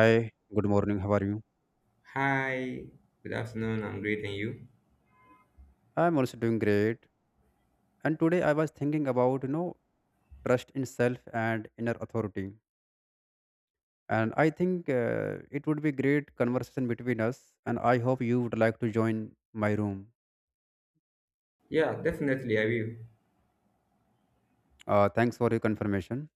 Hi, good morning. How are you? Hi, good afternoon. I'm great, and you? I'm also doing great. And today I was thinking about, trust in self and inner authority. And I think it would be great conversation between us. And I hope you would like to join my room. Yeah, definitely, I will. Thanks for your confirmation.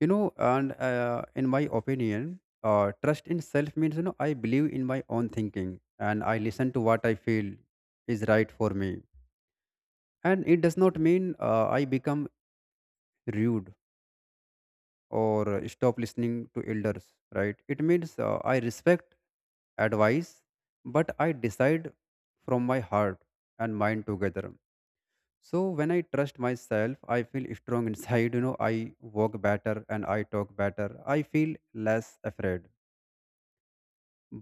You know, and In my opinion, trust in self means, I believe in my own thinking and I listen to what I feel is right for me. And it does not mean I become rude or stop listening to elders. Right, it means I respect advice, but I decide from my heart and mind together. So when I trust myself, I feel strong inside. You know, I walk better and I talk better, I feel less afraid.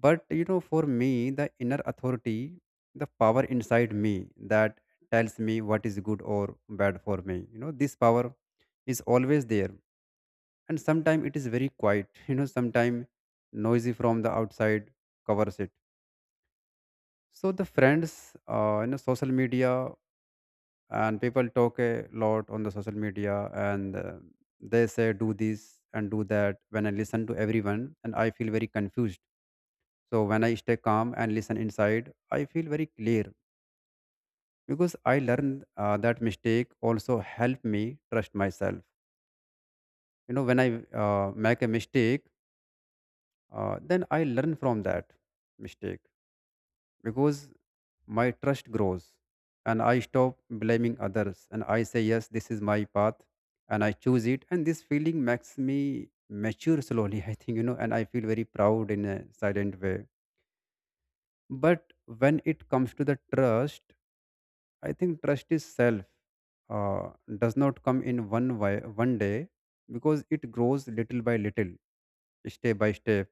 But you know, for me the inner authority, the power inside me that tells me what is good or bad for me, you know this power is always there. And sometimes it is very quiet, you know, sometimes noisy from the outside covers it. So the friends, you know, social media, and people talk a lot on the social media. And they say do this and do that. When I listen to everyone, and I feel very confused. So when I stay calm and listen inside, I feel very clear, because I learned that mistake also help me trust myself. You know, when I make a mistake, then I learn from that mistake, because my trust grows and I stop blaming others, and I say, yes, this is my path and I choose it. And this feeling makes me mature slowly, I think, you know, and I feel very proud in a silent way. But when it comes to the trust, I think trust is self, uh, does not come in one way, one day, because it grows little by little, step by step.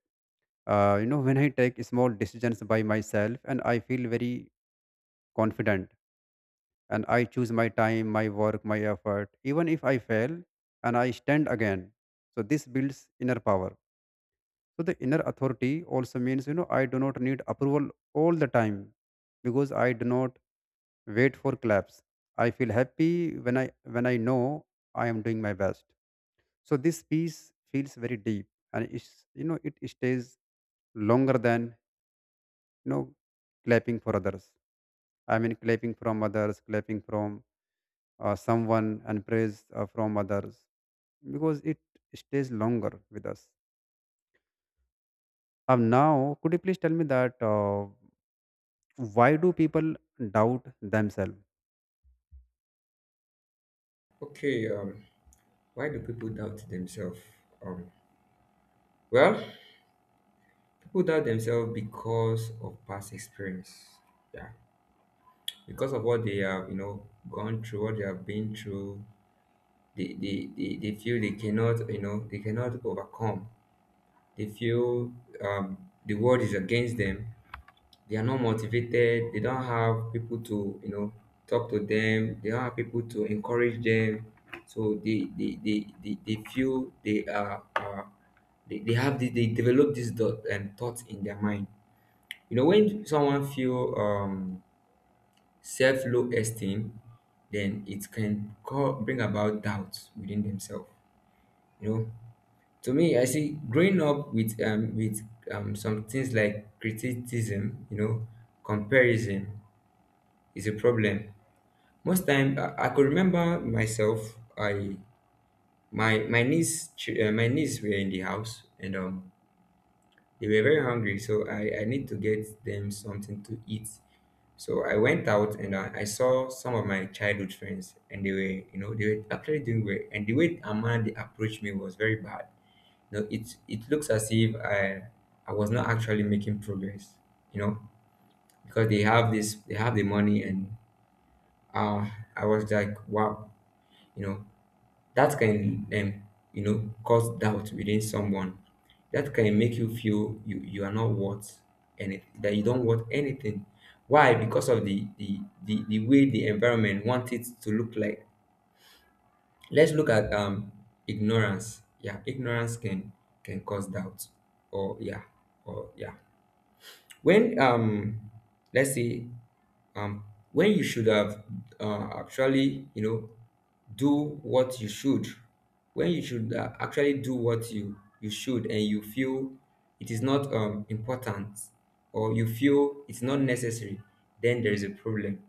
You know, when I take small decisions by myself, and I feel very confident, and I choose my time, my work, my effort. Even if I fail, and I stand again. So this builds inner power. So the inner authority also means, you know, I do not need approval all the time, because I do not wait for claps. I feel happy when I know I am doing my best. So this peace feels very deep, and it's you know it stays longer than, you know clapping for others. I mean clapping from others, clapping from someone, and praise from others, because it stays longer with us. Now, could you please tell me that why do people doubt themselves? Okay, why do people doubt themselves? Um, well, people doubt themselves because of past experience. Yeah, because of what they have, gone through, what they have been through. They feel they cannot, they cannot overcome. They feel the world is against them. They are not motivated, they don't have people to, talk to them, they don't have people to encourage them. So they feel they are they have this, they develop this dot and thoughts in their mind. You know, when someone feel self low esteem, then it can call, bring about doubts within themselves. You know, to me, I see growing up with some things like criticism, you know, comparison is a problem. Most time, I could remember myself. I my my my niece were in the house and they were very hungry, so I need to get them something to eat. So I went out and, I saw some of my childhood friends, and they were, you know, they were actually doing well. And the way Amanda they approached me was very bad. You know, it looks as if I was not actually making progress. You know, because they have the money and, uh, I was like, wow, you know, that can, you know, cause doubt within someone. That can make you feel you, you are not worth anything, that you don't worth anything. Why? Because of the the way the environment wants it to look like. Let's look at, ignorance. Yeah, ignorance can cause doubt. Or yeah, or yeah, when, let's say, um when you should have, actually, you know, do what you should when you should, actually do what you should and you feel it is not, important, or you feel it's not necessary, then there is a problem.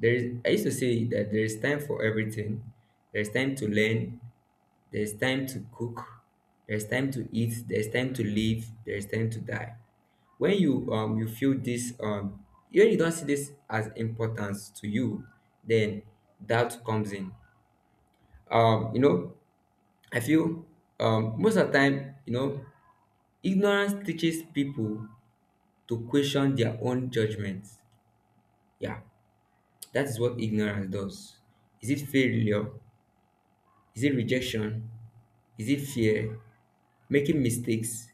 There is I used to say that there is time for everything. There's time to learn, there's time to cook, there's time to eat, there's time to live, there's time to die. When you, you feel this, when you don't see this as importance to you, then doubt comes in. You know, I feel, most of the time, you know, ignorance teaches people to question their own judgments. Yeah, that is what ignorance does. Is it failure? Is it rejection? Is it fear? Making mistakes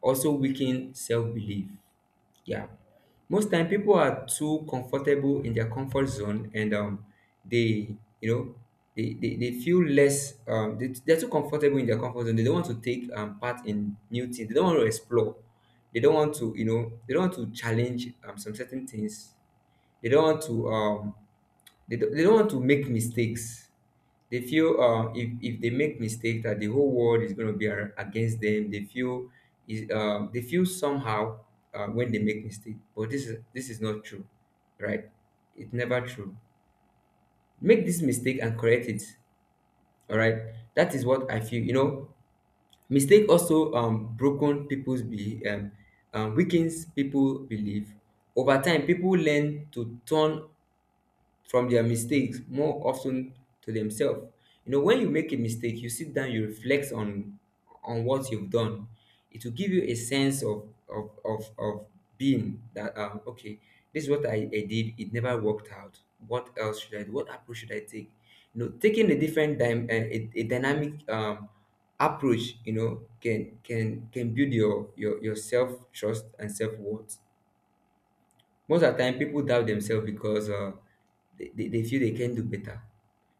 also weaken self-belief. Yeah. Most time people are too comfortable in their comfort zone, and they, you know, they feel less, they, they're too comfortable in their comfort zone. They don't want to take part in new things. They don't want to explore. They don't want to, you know, they don't want to challenge some certain things. They don't want to, they don't want to make mistakes. They feel, if they make mistake that the whole world is going to be against them. They feel is they feel somehow, when they make mistake. But this is not true, right? It's never true. Make this mistake and correct it. All right? That is what I feel, you know. Mistake also, broken people's be weakens people belief. Over time people learn to turn from their mistakes more often to themselves. You know, when you make a mistake, you sit down, you reflect on what you've done. It will give you a sense of being that, okay, this is what I did. It never worked out. What else should I do? What approach should I take? You know, taking a different a dynamic, approach, you know, can, build your your self trust and self worth. Most of the time, people doubt themselves because, they feel they can do better.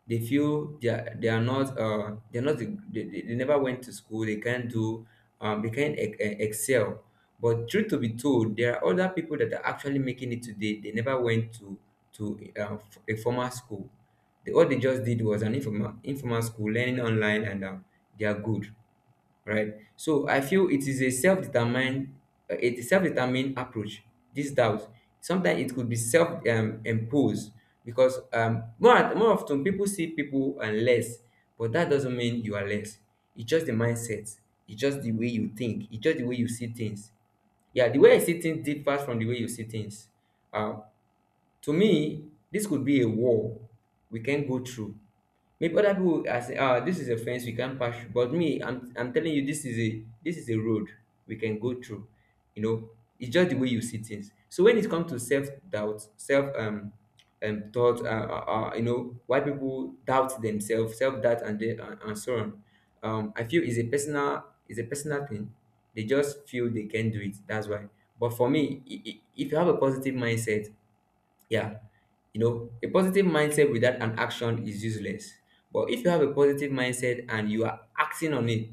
They feel they are not, they're not they never went to school. They can't do, they can't excel. But truth to be told, there are other people that are actually making it today. They never went to a formal school. They, all they just did was an informal school, learning online, and they are good, right? So I feel it is a a self-determined approach. This doubt sometimes it could be self-imposed because, more often people see people and less, but that doesn't mean you are less. It's just the mindset. It's just the way you think. It's just the way you see things. Yeah, the way I see things differs from the way you see things. Uh, to me, this could be a wall we can go through. Maybe other people are saying, ah, this is a fence we can't pass through. But me, I'm telling you, this is a, road we can go through. You know, it's just the way you see things. So when it comes to self doubt, self thought, you know, why people doubt themselves, self doubt, and and so on. I feel is a personal thing. They just feel they can do it. That's why. But for me, if you have a positive mindset, yeah. You know, a positive mindset without an action is useless. But if you have a positive mindset and you are acting on it,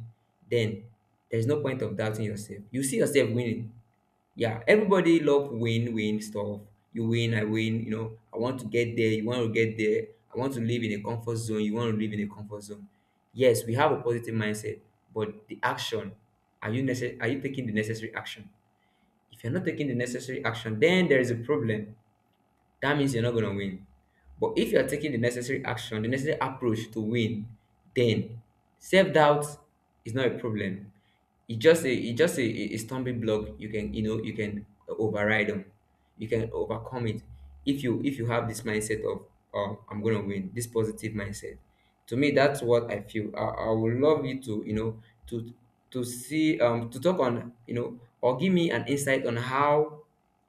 then there's no point of doubting yourself. You see yourself winning. Yeah, everybody love win-win stuff. You win, I win, you know, I want to get there, you want to get there. I want to live in a comfort zone, you want to live in a comfort zone. Yes, we have a positive mindset, but the action, are you are you taking the necessary action? If you're not taking the necessary action, then there is a problem, that means you're not going to win. But if you're taking the necessary action, the necessary approach to win, then self doubt is not a problem. It's just a, a stumbling block. You can, you know, you can override them. You can overcome it if you, have this mindset of, oh, I'm gonna win. This positive mindset. To me, that's what I feel. I would love you to, you know, to to see, to talk on, you know, or give me an insight on how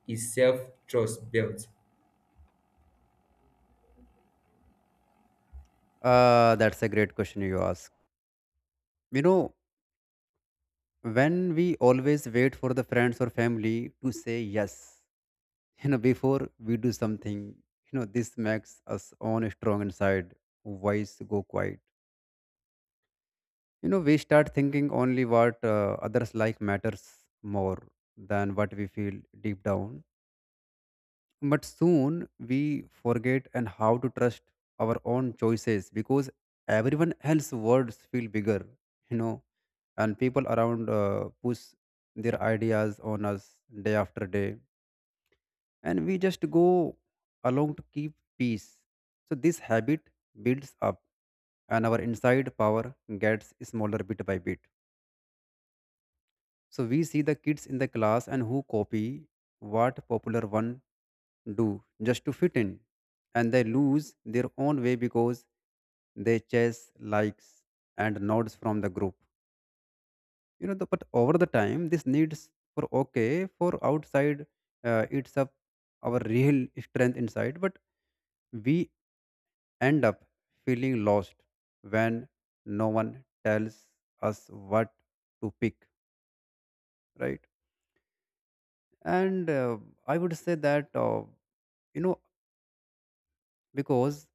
is self trust built. That's a great question you ask. You know, when we always wait for the friends or family to say yes, you know, before we do something, you know, this makes us own strong inside, voice go quiet. You know, we start thinking only what others like matters more than what we feel deep down. But soon we forget and how to trust our own choices, because everyone else's words feel bigger, you know. And people around push their ideas on us day after day, and we just go along to keep peace. So this habit builds up and our inside power gets smaller bit by bit. So we see the kids in the class and who copy what popular one do just to fit in, and they lose their own way because they chase likes and nods from the group. But over the time this needs for okay for outside, it's up our real strength inside, but we end up feeling lost when no one tells us what to pick, right? And I would say that you know because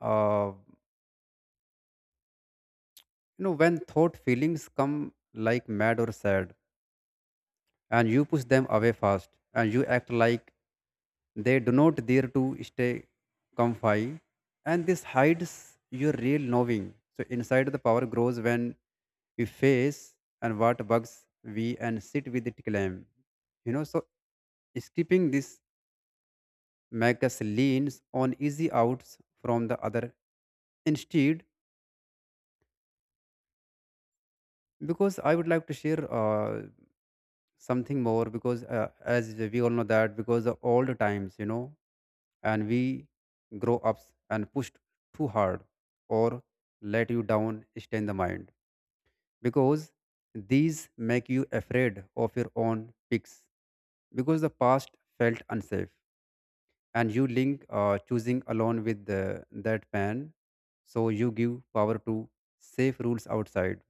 uh, you know, when thought feelings come like mad or sad, and you push them away fast and you act like they do not dare to stay comfy, and this hides your real knowing. So inside the power grows when we face and what bugs we and sit with it claim, you know. So skipping this makes us leans on easy outs from the other instead. Because I would like to share something more, because as we all know that because of all the times, you know, and we grow ups and pushed too hard, or let you down stay in the mind, because these make you afraid of your own picks, because the past felt unsafe, and you link choosing alone with the, that pain. So you give power to safe rules outside,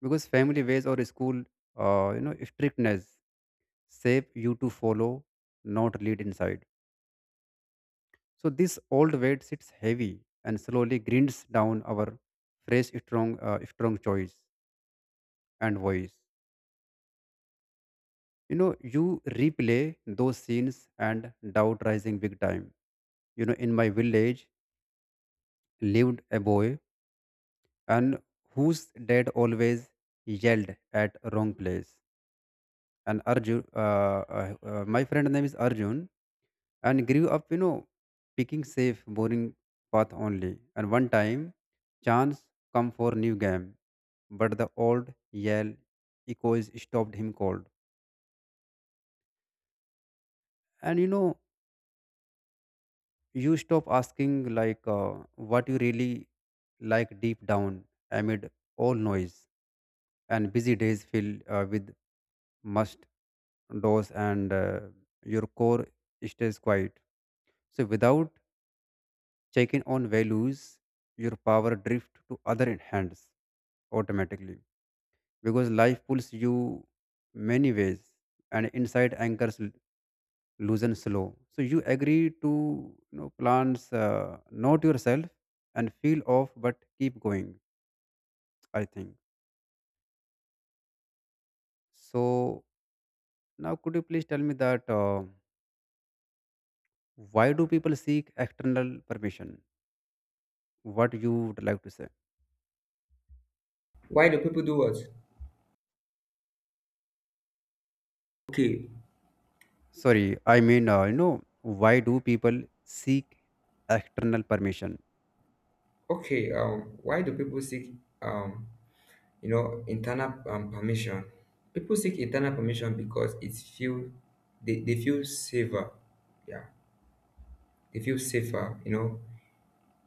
because family ways or school you know strictness shape you to follow, not lead inside. So this old weight sits heavy and slowly grinds down our fresh strong strong choice and voice. You know, you replay those scenes and doubt rising big time. You know, in my village lived a boy, and whose dad always yelled at wrong place. And Arjun, my friend name is Arjun, and grew up, you know, picking safe, boring path only. And one time, chance come for new game, but the old yell echoes stopped him cold. And you know, you stop asking like what you really like deep down, amid all noise and busy days filled with must doors, and your core stays quiet. So without check in on values, your power drift to other hands automatically, because life pulls you many ways and inside anchors loosen slow. So you agree to, you know, plans, not yourself, and feel off, but keep going, I think. So now could you please tell me that why do people seek external permission? What you would like to say? Why do people do what? Okay, Sorry, I mean you know, why do people seek external permission? okay. Why do people seek, um, you know, internal, permission? People seek internal permission because it's feel they feel safer. Yeah, they feel safer. You know,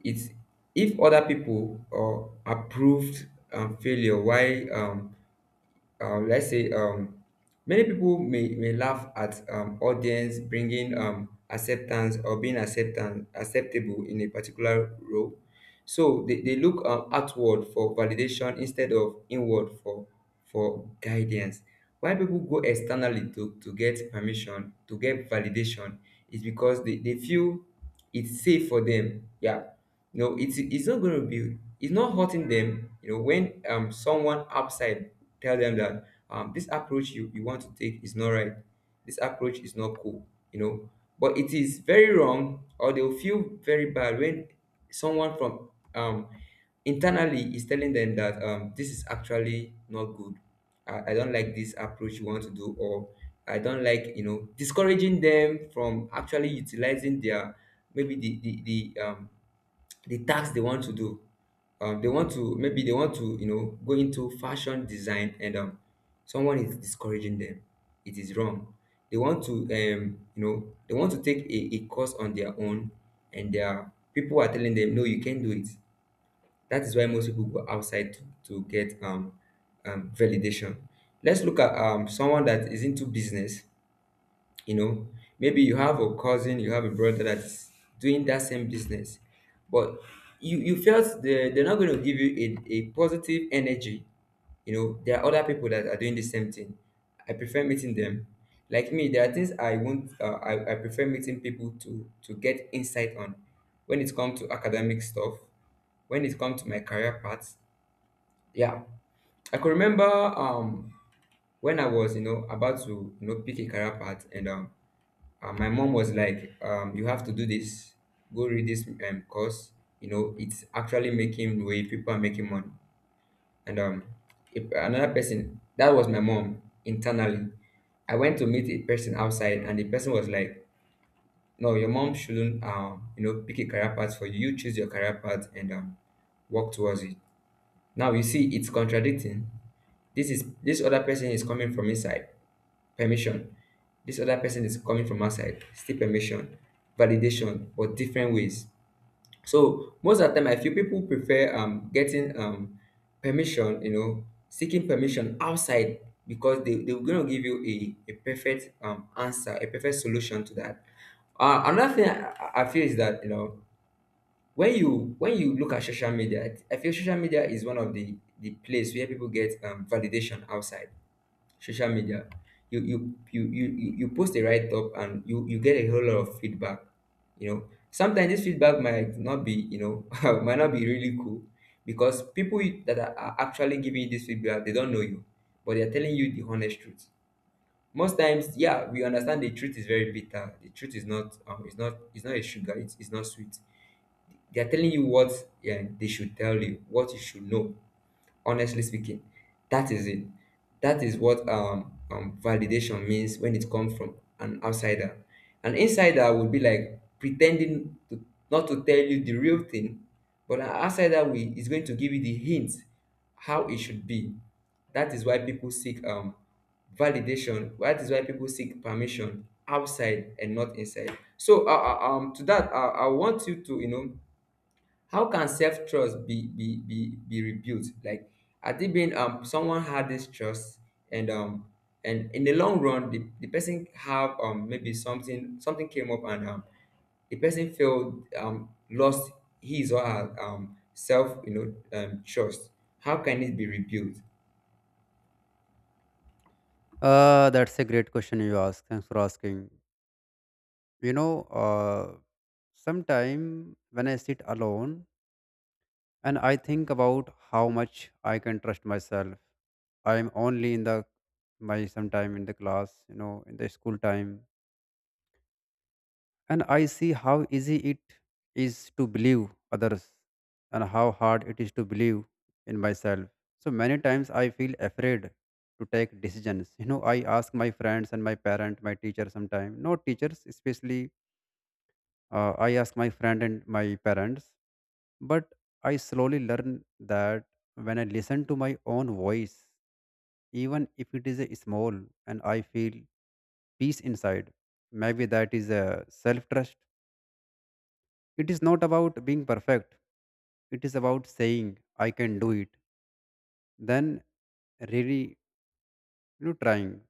it's if other people, approved, failure. Why, let's say, many people may laugh at, audience bringing, acceptance or being acceptance acceptable in a particular role. So they look, outward for validation instead of inward for guidance. Why people go externally to get permission to get validation is because they feel it's safe for them. Yeah, you know, it's not going to be, it's not hurting them. You know, when, someone outside tell them that, this approach you want to take is not right, this approach is not cool. You know, but it is very wrong, or they'll feel very bad when someone from, um internally is telling them that, this is actually not good. I don't like this approach you want to do, or I don't like, you know, discouraging them from actually utilizing their, maybe the um the task they want to do. They want to, maybe they want to, you know, go into fashion design, and someone is discouraging them. It is wrong. They want to, you know, they want to take a course on their own, and their people are telling them, no, you can't do it. That is why most people go outside to get, validation. Let's look at someone that is into business, you know, maybe you have a cousin, you have a brother that's doing that same business. But you felt they're not going to give you a positive energy. You know, there are other people that are doing the same thing. I prefer meeting them. Like me, there are things I won't I prefer meeting people to get insight on when it comes to academic stuff, when it comes to my career path. Yeah, I could remember when I was about to pick a career path and my mom was like, you have to do this. Go read this course. You know, it's actually making way, people are making money. And if another person, that was my mom internally. I went to meet a person outside, and the person was like, "No, your mom shouldn't, you know, pick a career path for you. You choose your career path and work towards it." Now you see, it's contradicting. This is, this other person is coming from inside permission, this other person is coming from outside, still permission, validation, but different ways. So most of the time I feel people prefer getting permission, you know, seeking permission outside, because they're going to give you a perfect answer, a perfect solution to that. Another thing I feel is that, you know, when you, when you look at social media, I feel social media is one of the place where people get validation outside. Social media, you post a write up and you get a whole lot of feedback. You know, sometimes this feedback might not be, you know, might not be really cool, because people that are actually giving you this feedback, they don't know you, but they're telling you the honest truth. Most times, yeah, we understand the truth is very bitter. The truth is not, it's not, it's not a sugar, it's not sweet. They're telling you what, yeah, they should tell you what you should know, honestly speaking. That is it. That is what validation means when it comes from an outsider. An insider would be like pretending to not to tell you the real thing, but an outsider is going to give you the hint how it should be. That is why people seek validation, that is why people seek permission outside and not inside. So to that, I want you to, you know, how can self trust be rebuilt? Like, I think being someone had this trust, and um and in the long run, the person have maybe something, something came up and the person felt lost his or her self, you know, trust. How can it be rebuilt? That's a great question you ask, thanks for asking. you know uh Sometime when I sit alone and I think about how much I can trust myself, I'm only in the my sometime in the class, you know, in the school time, and I see how easy it is to believe others, and how hard it is to believe in myself. So many times I feel afraid to take decisions. You know, I ask my friends and my parent, my teacher sometimes. Not teachers especially, I ask my friend and my parents. But I slowly learn that when I listen to my own voice, even if it is a small, and I feel peace inside, maybe that is a self trust. It is not about being perfect. It is about saying I can do it. Then really, you know, trying.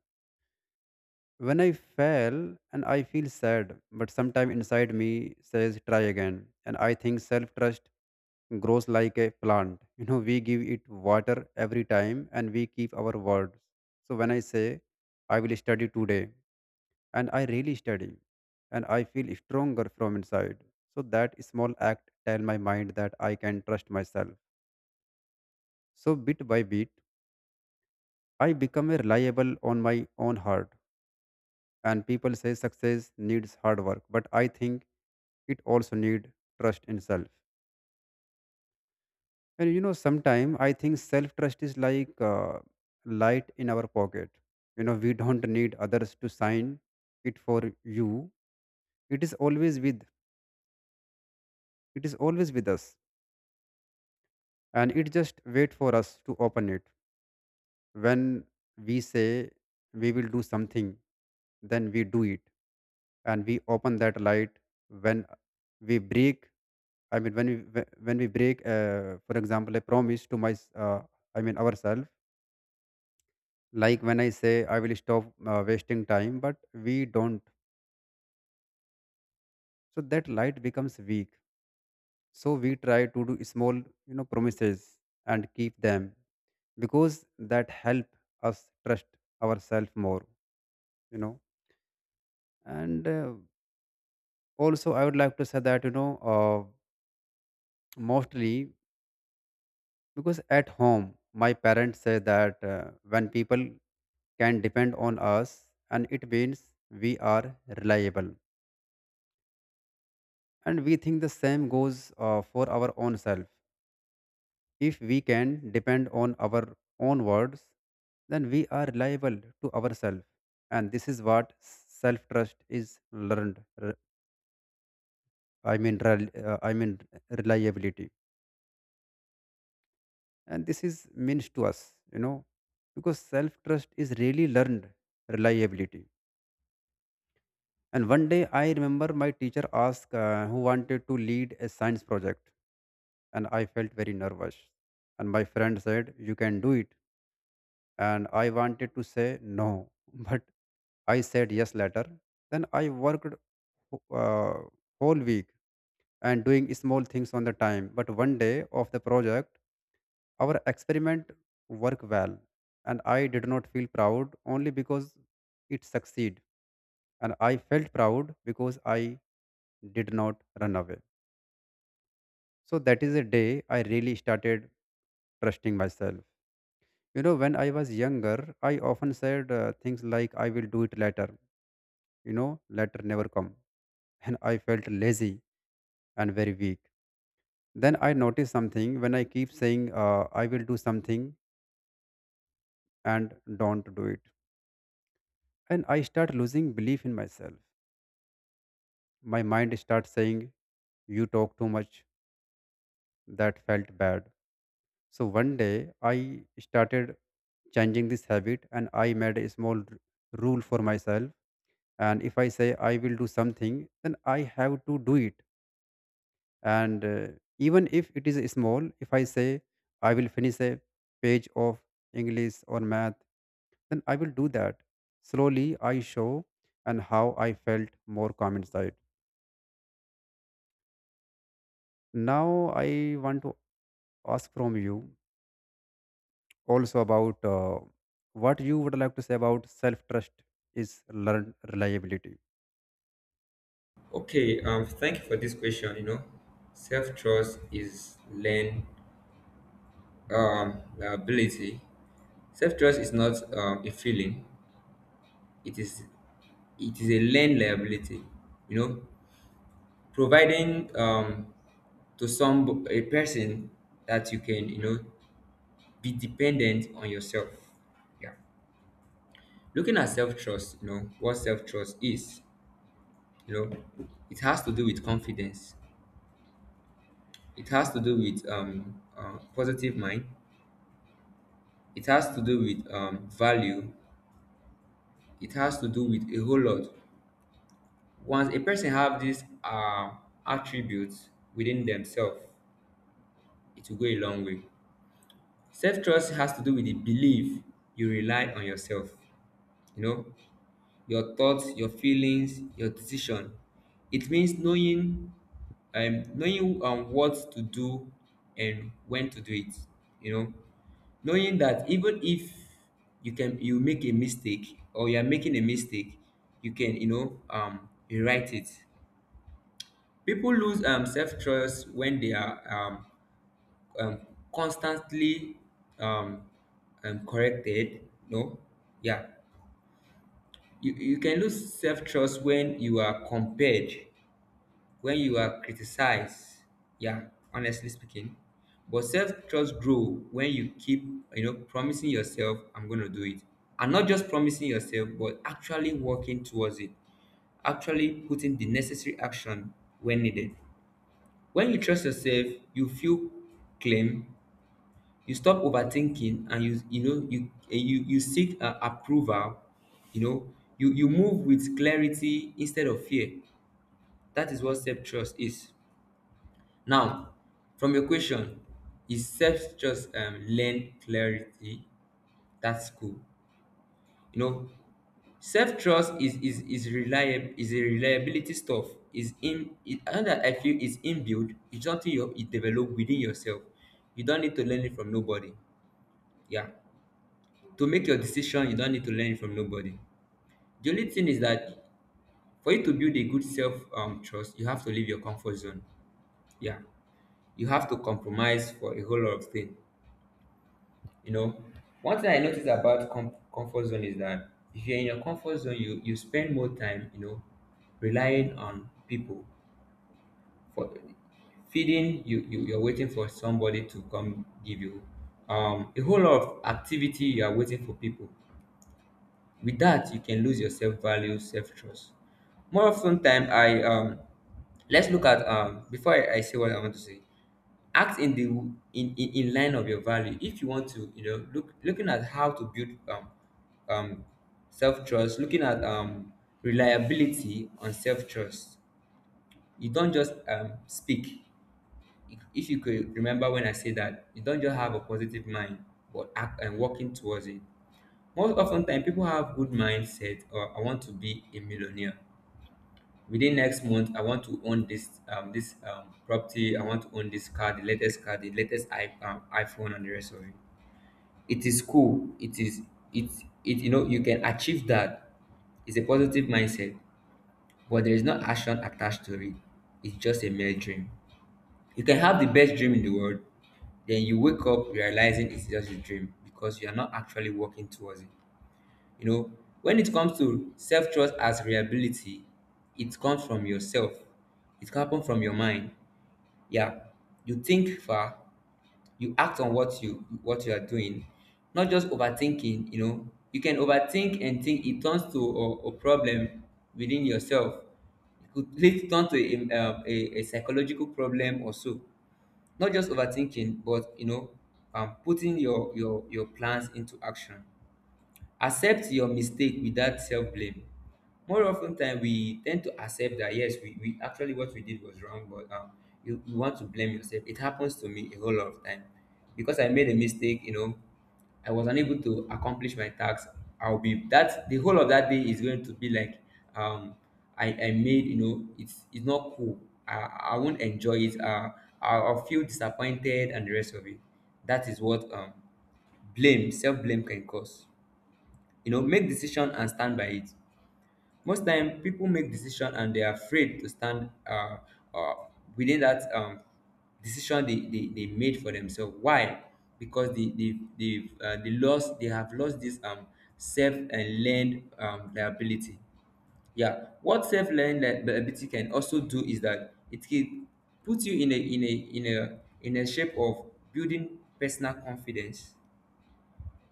When I fail and I feel sad, but sometime inside me says try again. And I think self trust grows like a plant. You know, we give it water every time and we keep our words. So when I say I will study today, and I really study, and I feel stronger from inside. So that small act tell my mind that I can trust myself. So bit by bit, I become a reliable on my own hard. And people say success needs hard work, but I think it also need trust in self. And you know, sometimes I think self trust is like light in our pocket. You know, we don't need others to sign it for you. It is always with. It is always with us, and it just wait for us to open it. When we say we will do something, then we do it, and we open that light. When we break, I mean when when we break, for example a promise to I mean ourselves, like when I say I will stop wasting time but we don't, so that light becomes weak. So we try to do small, you know, promises and keep them, because that help us trust ourselves more, you know. And also I would like to say that, you know, uh, mostly because at home my parents say that when people can depend on us, and it means we are reliable. And we think the same goes for our own self. If we can depend on our own words, then we are reliable to ourselves. And this is what self trust is, learned i mean rel- uh, i mean reliability. And this is means to us, you know, because self trust is really learned reliability. And one day I remember my teacher asked who wanted to lead a science project, and I felt very nervous. And my friend said, You can do it. And I wanted to say no, but I said yes later. Then I worked uh, whole week, and doing small things on the time. But one day of the project, our experiment worked well, and I did not feel proud only because it succeed, and I felt proud because I did not run away. So that is a day I really started trusting myself. You know, when I was younger, I often said things like, I will do it later. You know, later never come. And I felt lazy and very weak. Then I noticed something when I keep saying, I will do something and don't do it. And I start losing belief in myself. My mind starts saying, You talk too much. That felt bad. So one day I started changing this habit, and I made a small rule for myself. And if I say I will do something, then I have to do it. And even if it is small, if I say I will finish a page of English or math, then I will do that. Slowly I show and how I felt more calm inside. Now I want to ask from you also about what you would like to say about self trust is learned reliability. Okay, thank you for this question, you know. Self trust is learned ability. Self trust is not a feeling, it is, it is a learned liability, you know, providing to some a person that you can, you know, be dependent on yourself. Yeah, looking at self-trust, you know what self-trust is, you know, it has to do with confidence, it has to do with positive mind, it has to do with value, it has to do with a whole lot. Once a person have these attributes within themselves, it will go a long way. Self trust has to do with the belief you rely on yourself, you know, your thoughts, your feelings, your decision. It means knowing, knowing what to do and when to do it, you know, knowing that even if you make a mistake or you are making a mistake, you can, you know, rewrite it. People lose self trust when they are um, constantly um, corrected, no, yeah, you can lose self-trust when you are compared, when you are criticized. Yeah, honestly speaking, but self-trust grow when you keep, you know, promising yourself, I'm going to do it, and not just promising yourself, but actually working towards it, actually putting the necessary action when needed. When you trust yourself, you feel claim, you stop overthinking and you know you you seek approval, you know, you move with clarity instead of fear. That is what self-trust is. Now, from your question, is self-trust learn clarity? That's cool, you know. Self-trust is a reliability stuff, is in it, and that I feel is inbuilt. It's something you develop within yourself. You don't need to learn it from nobody. Yeah, to make your decision you don't need to learn from nobody. The only thing is that for you to build a good self trust, you have to leave your comfort zone. Yeah, you have to compromise for a whole lot of things, you know. One thing I noticed about comfort zone is that if you're in your comfort zone, you spend more time, you know, relying on people for feeding you, you're waiting for somebody to come give you a whole lot of activity, you are waiting for people. With that, you can lose your self value, self trust. More often time, I let's look at, before I say what I want to say. Act in the, in line of your value. If you want to, you know, look, looking at how to build um, self trust. Looking at reliability on self trust. You don't just speak. If you could remember when I say that, you don't just have a positive mind, but act and working towards it. Most often time people have good mindset, or I want to be a millionaire. Within next month, I want to own this property, I want to own this car, the latest iPhone and the rest of it. It is cool. It is, it it, you know, you can achieve that. It's a positive mindset, but there is no action attached to it. It's just a mere dream. You can have the best dream in the world, then you wake up realizing it's just a dream because you are not actually working towards it. You know, when it comes to self trust as reliability, it comes from yourself. It can happen from your mind. Yeah, you think far, you act on what you, what you are doing, not just overthinking. You know, you can overthink and think it turns to a problem within yourself. It could lead turn to a, a psychological problem or so. Not just overthinking, but you know, putting your your plans into action, accept your mistake without self blame. More often ten time we tend to accept that yes we actually, what we did was wrong, but you want to blame yourself. It happens to me a whole lot of time, because I made a mistake, you know, I was unable to accomplish my task. I'll be that the whole of that day is going to be like, um I made, you know, it's not cool. I i won't enjoy it, I'll feel disappointed and the rest of it. That is what, blame, self blame can cause, you know. Make decision and stand by it. Most time people make decision and they're afraid to stand, uh, within that decision they made for themselves. Why? Because they have lost this self and learned liability. Yeah, what self learned liability can also do is that it can put you in a, in a shape of building personal confidence,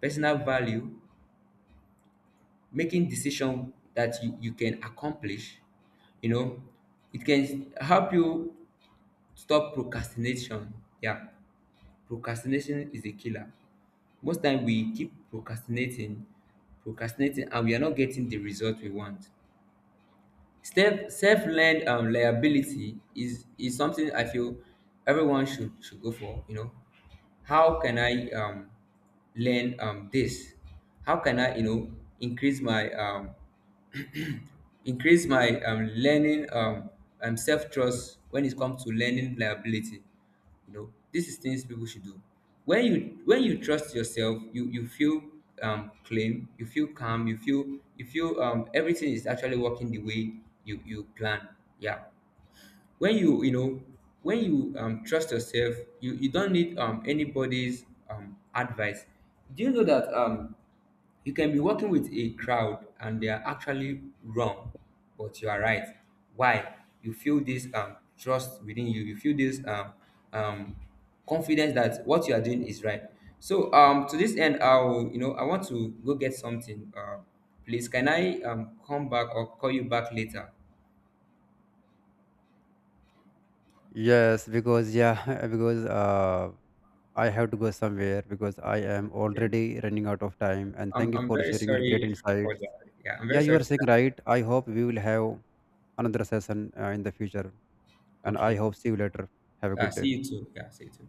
personal value, making decision that you can accomplish, you know. It can help you stop procrastination. Yeah, procrastination is a killer. Most time we keep procrastinating, procrastinating, and we are not getting the result we want. Self, self-learned liability is something I feel everyone should go for, you know. How can I learn this, how can I, you know, increase my um, increase my learning self-trust when it comes to learning liability? You know, this is things people should do. When you, when you trust yourself, you feel claim, you feel calm, you feel, you feel everything is actually working the way you plan. Yeah, when you know when you trust yourself, you don't need anybody's advice. Do you know that you can be working with a crowd and they are actually wrong, but you are right. Why? You feel this trust within you, you feel this um confidence that what you are doing is right. So to this end, I'll, you know, I want to go get something. Please, can I come back or call you back later? Yes, because yeah, because I have to go somewhere, because I am Yeah, already running out of time, and thank I'm, you I'm for very sharing your great sorry for insights. that. Yeah, I'm Yeah, very you sorry are for saying that. right, I hope we will have another session in the future, and I Okay. hope see you later. Have a good day. See you too. Yeah, see you too.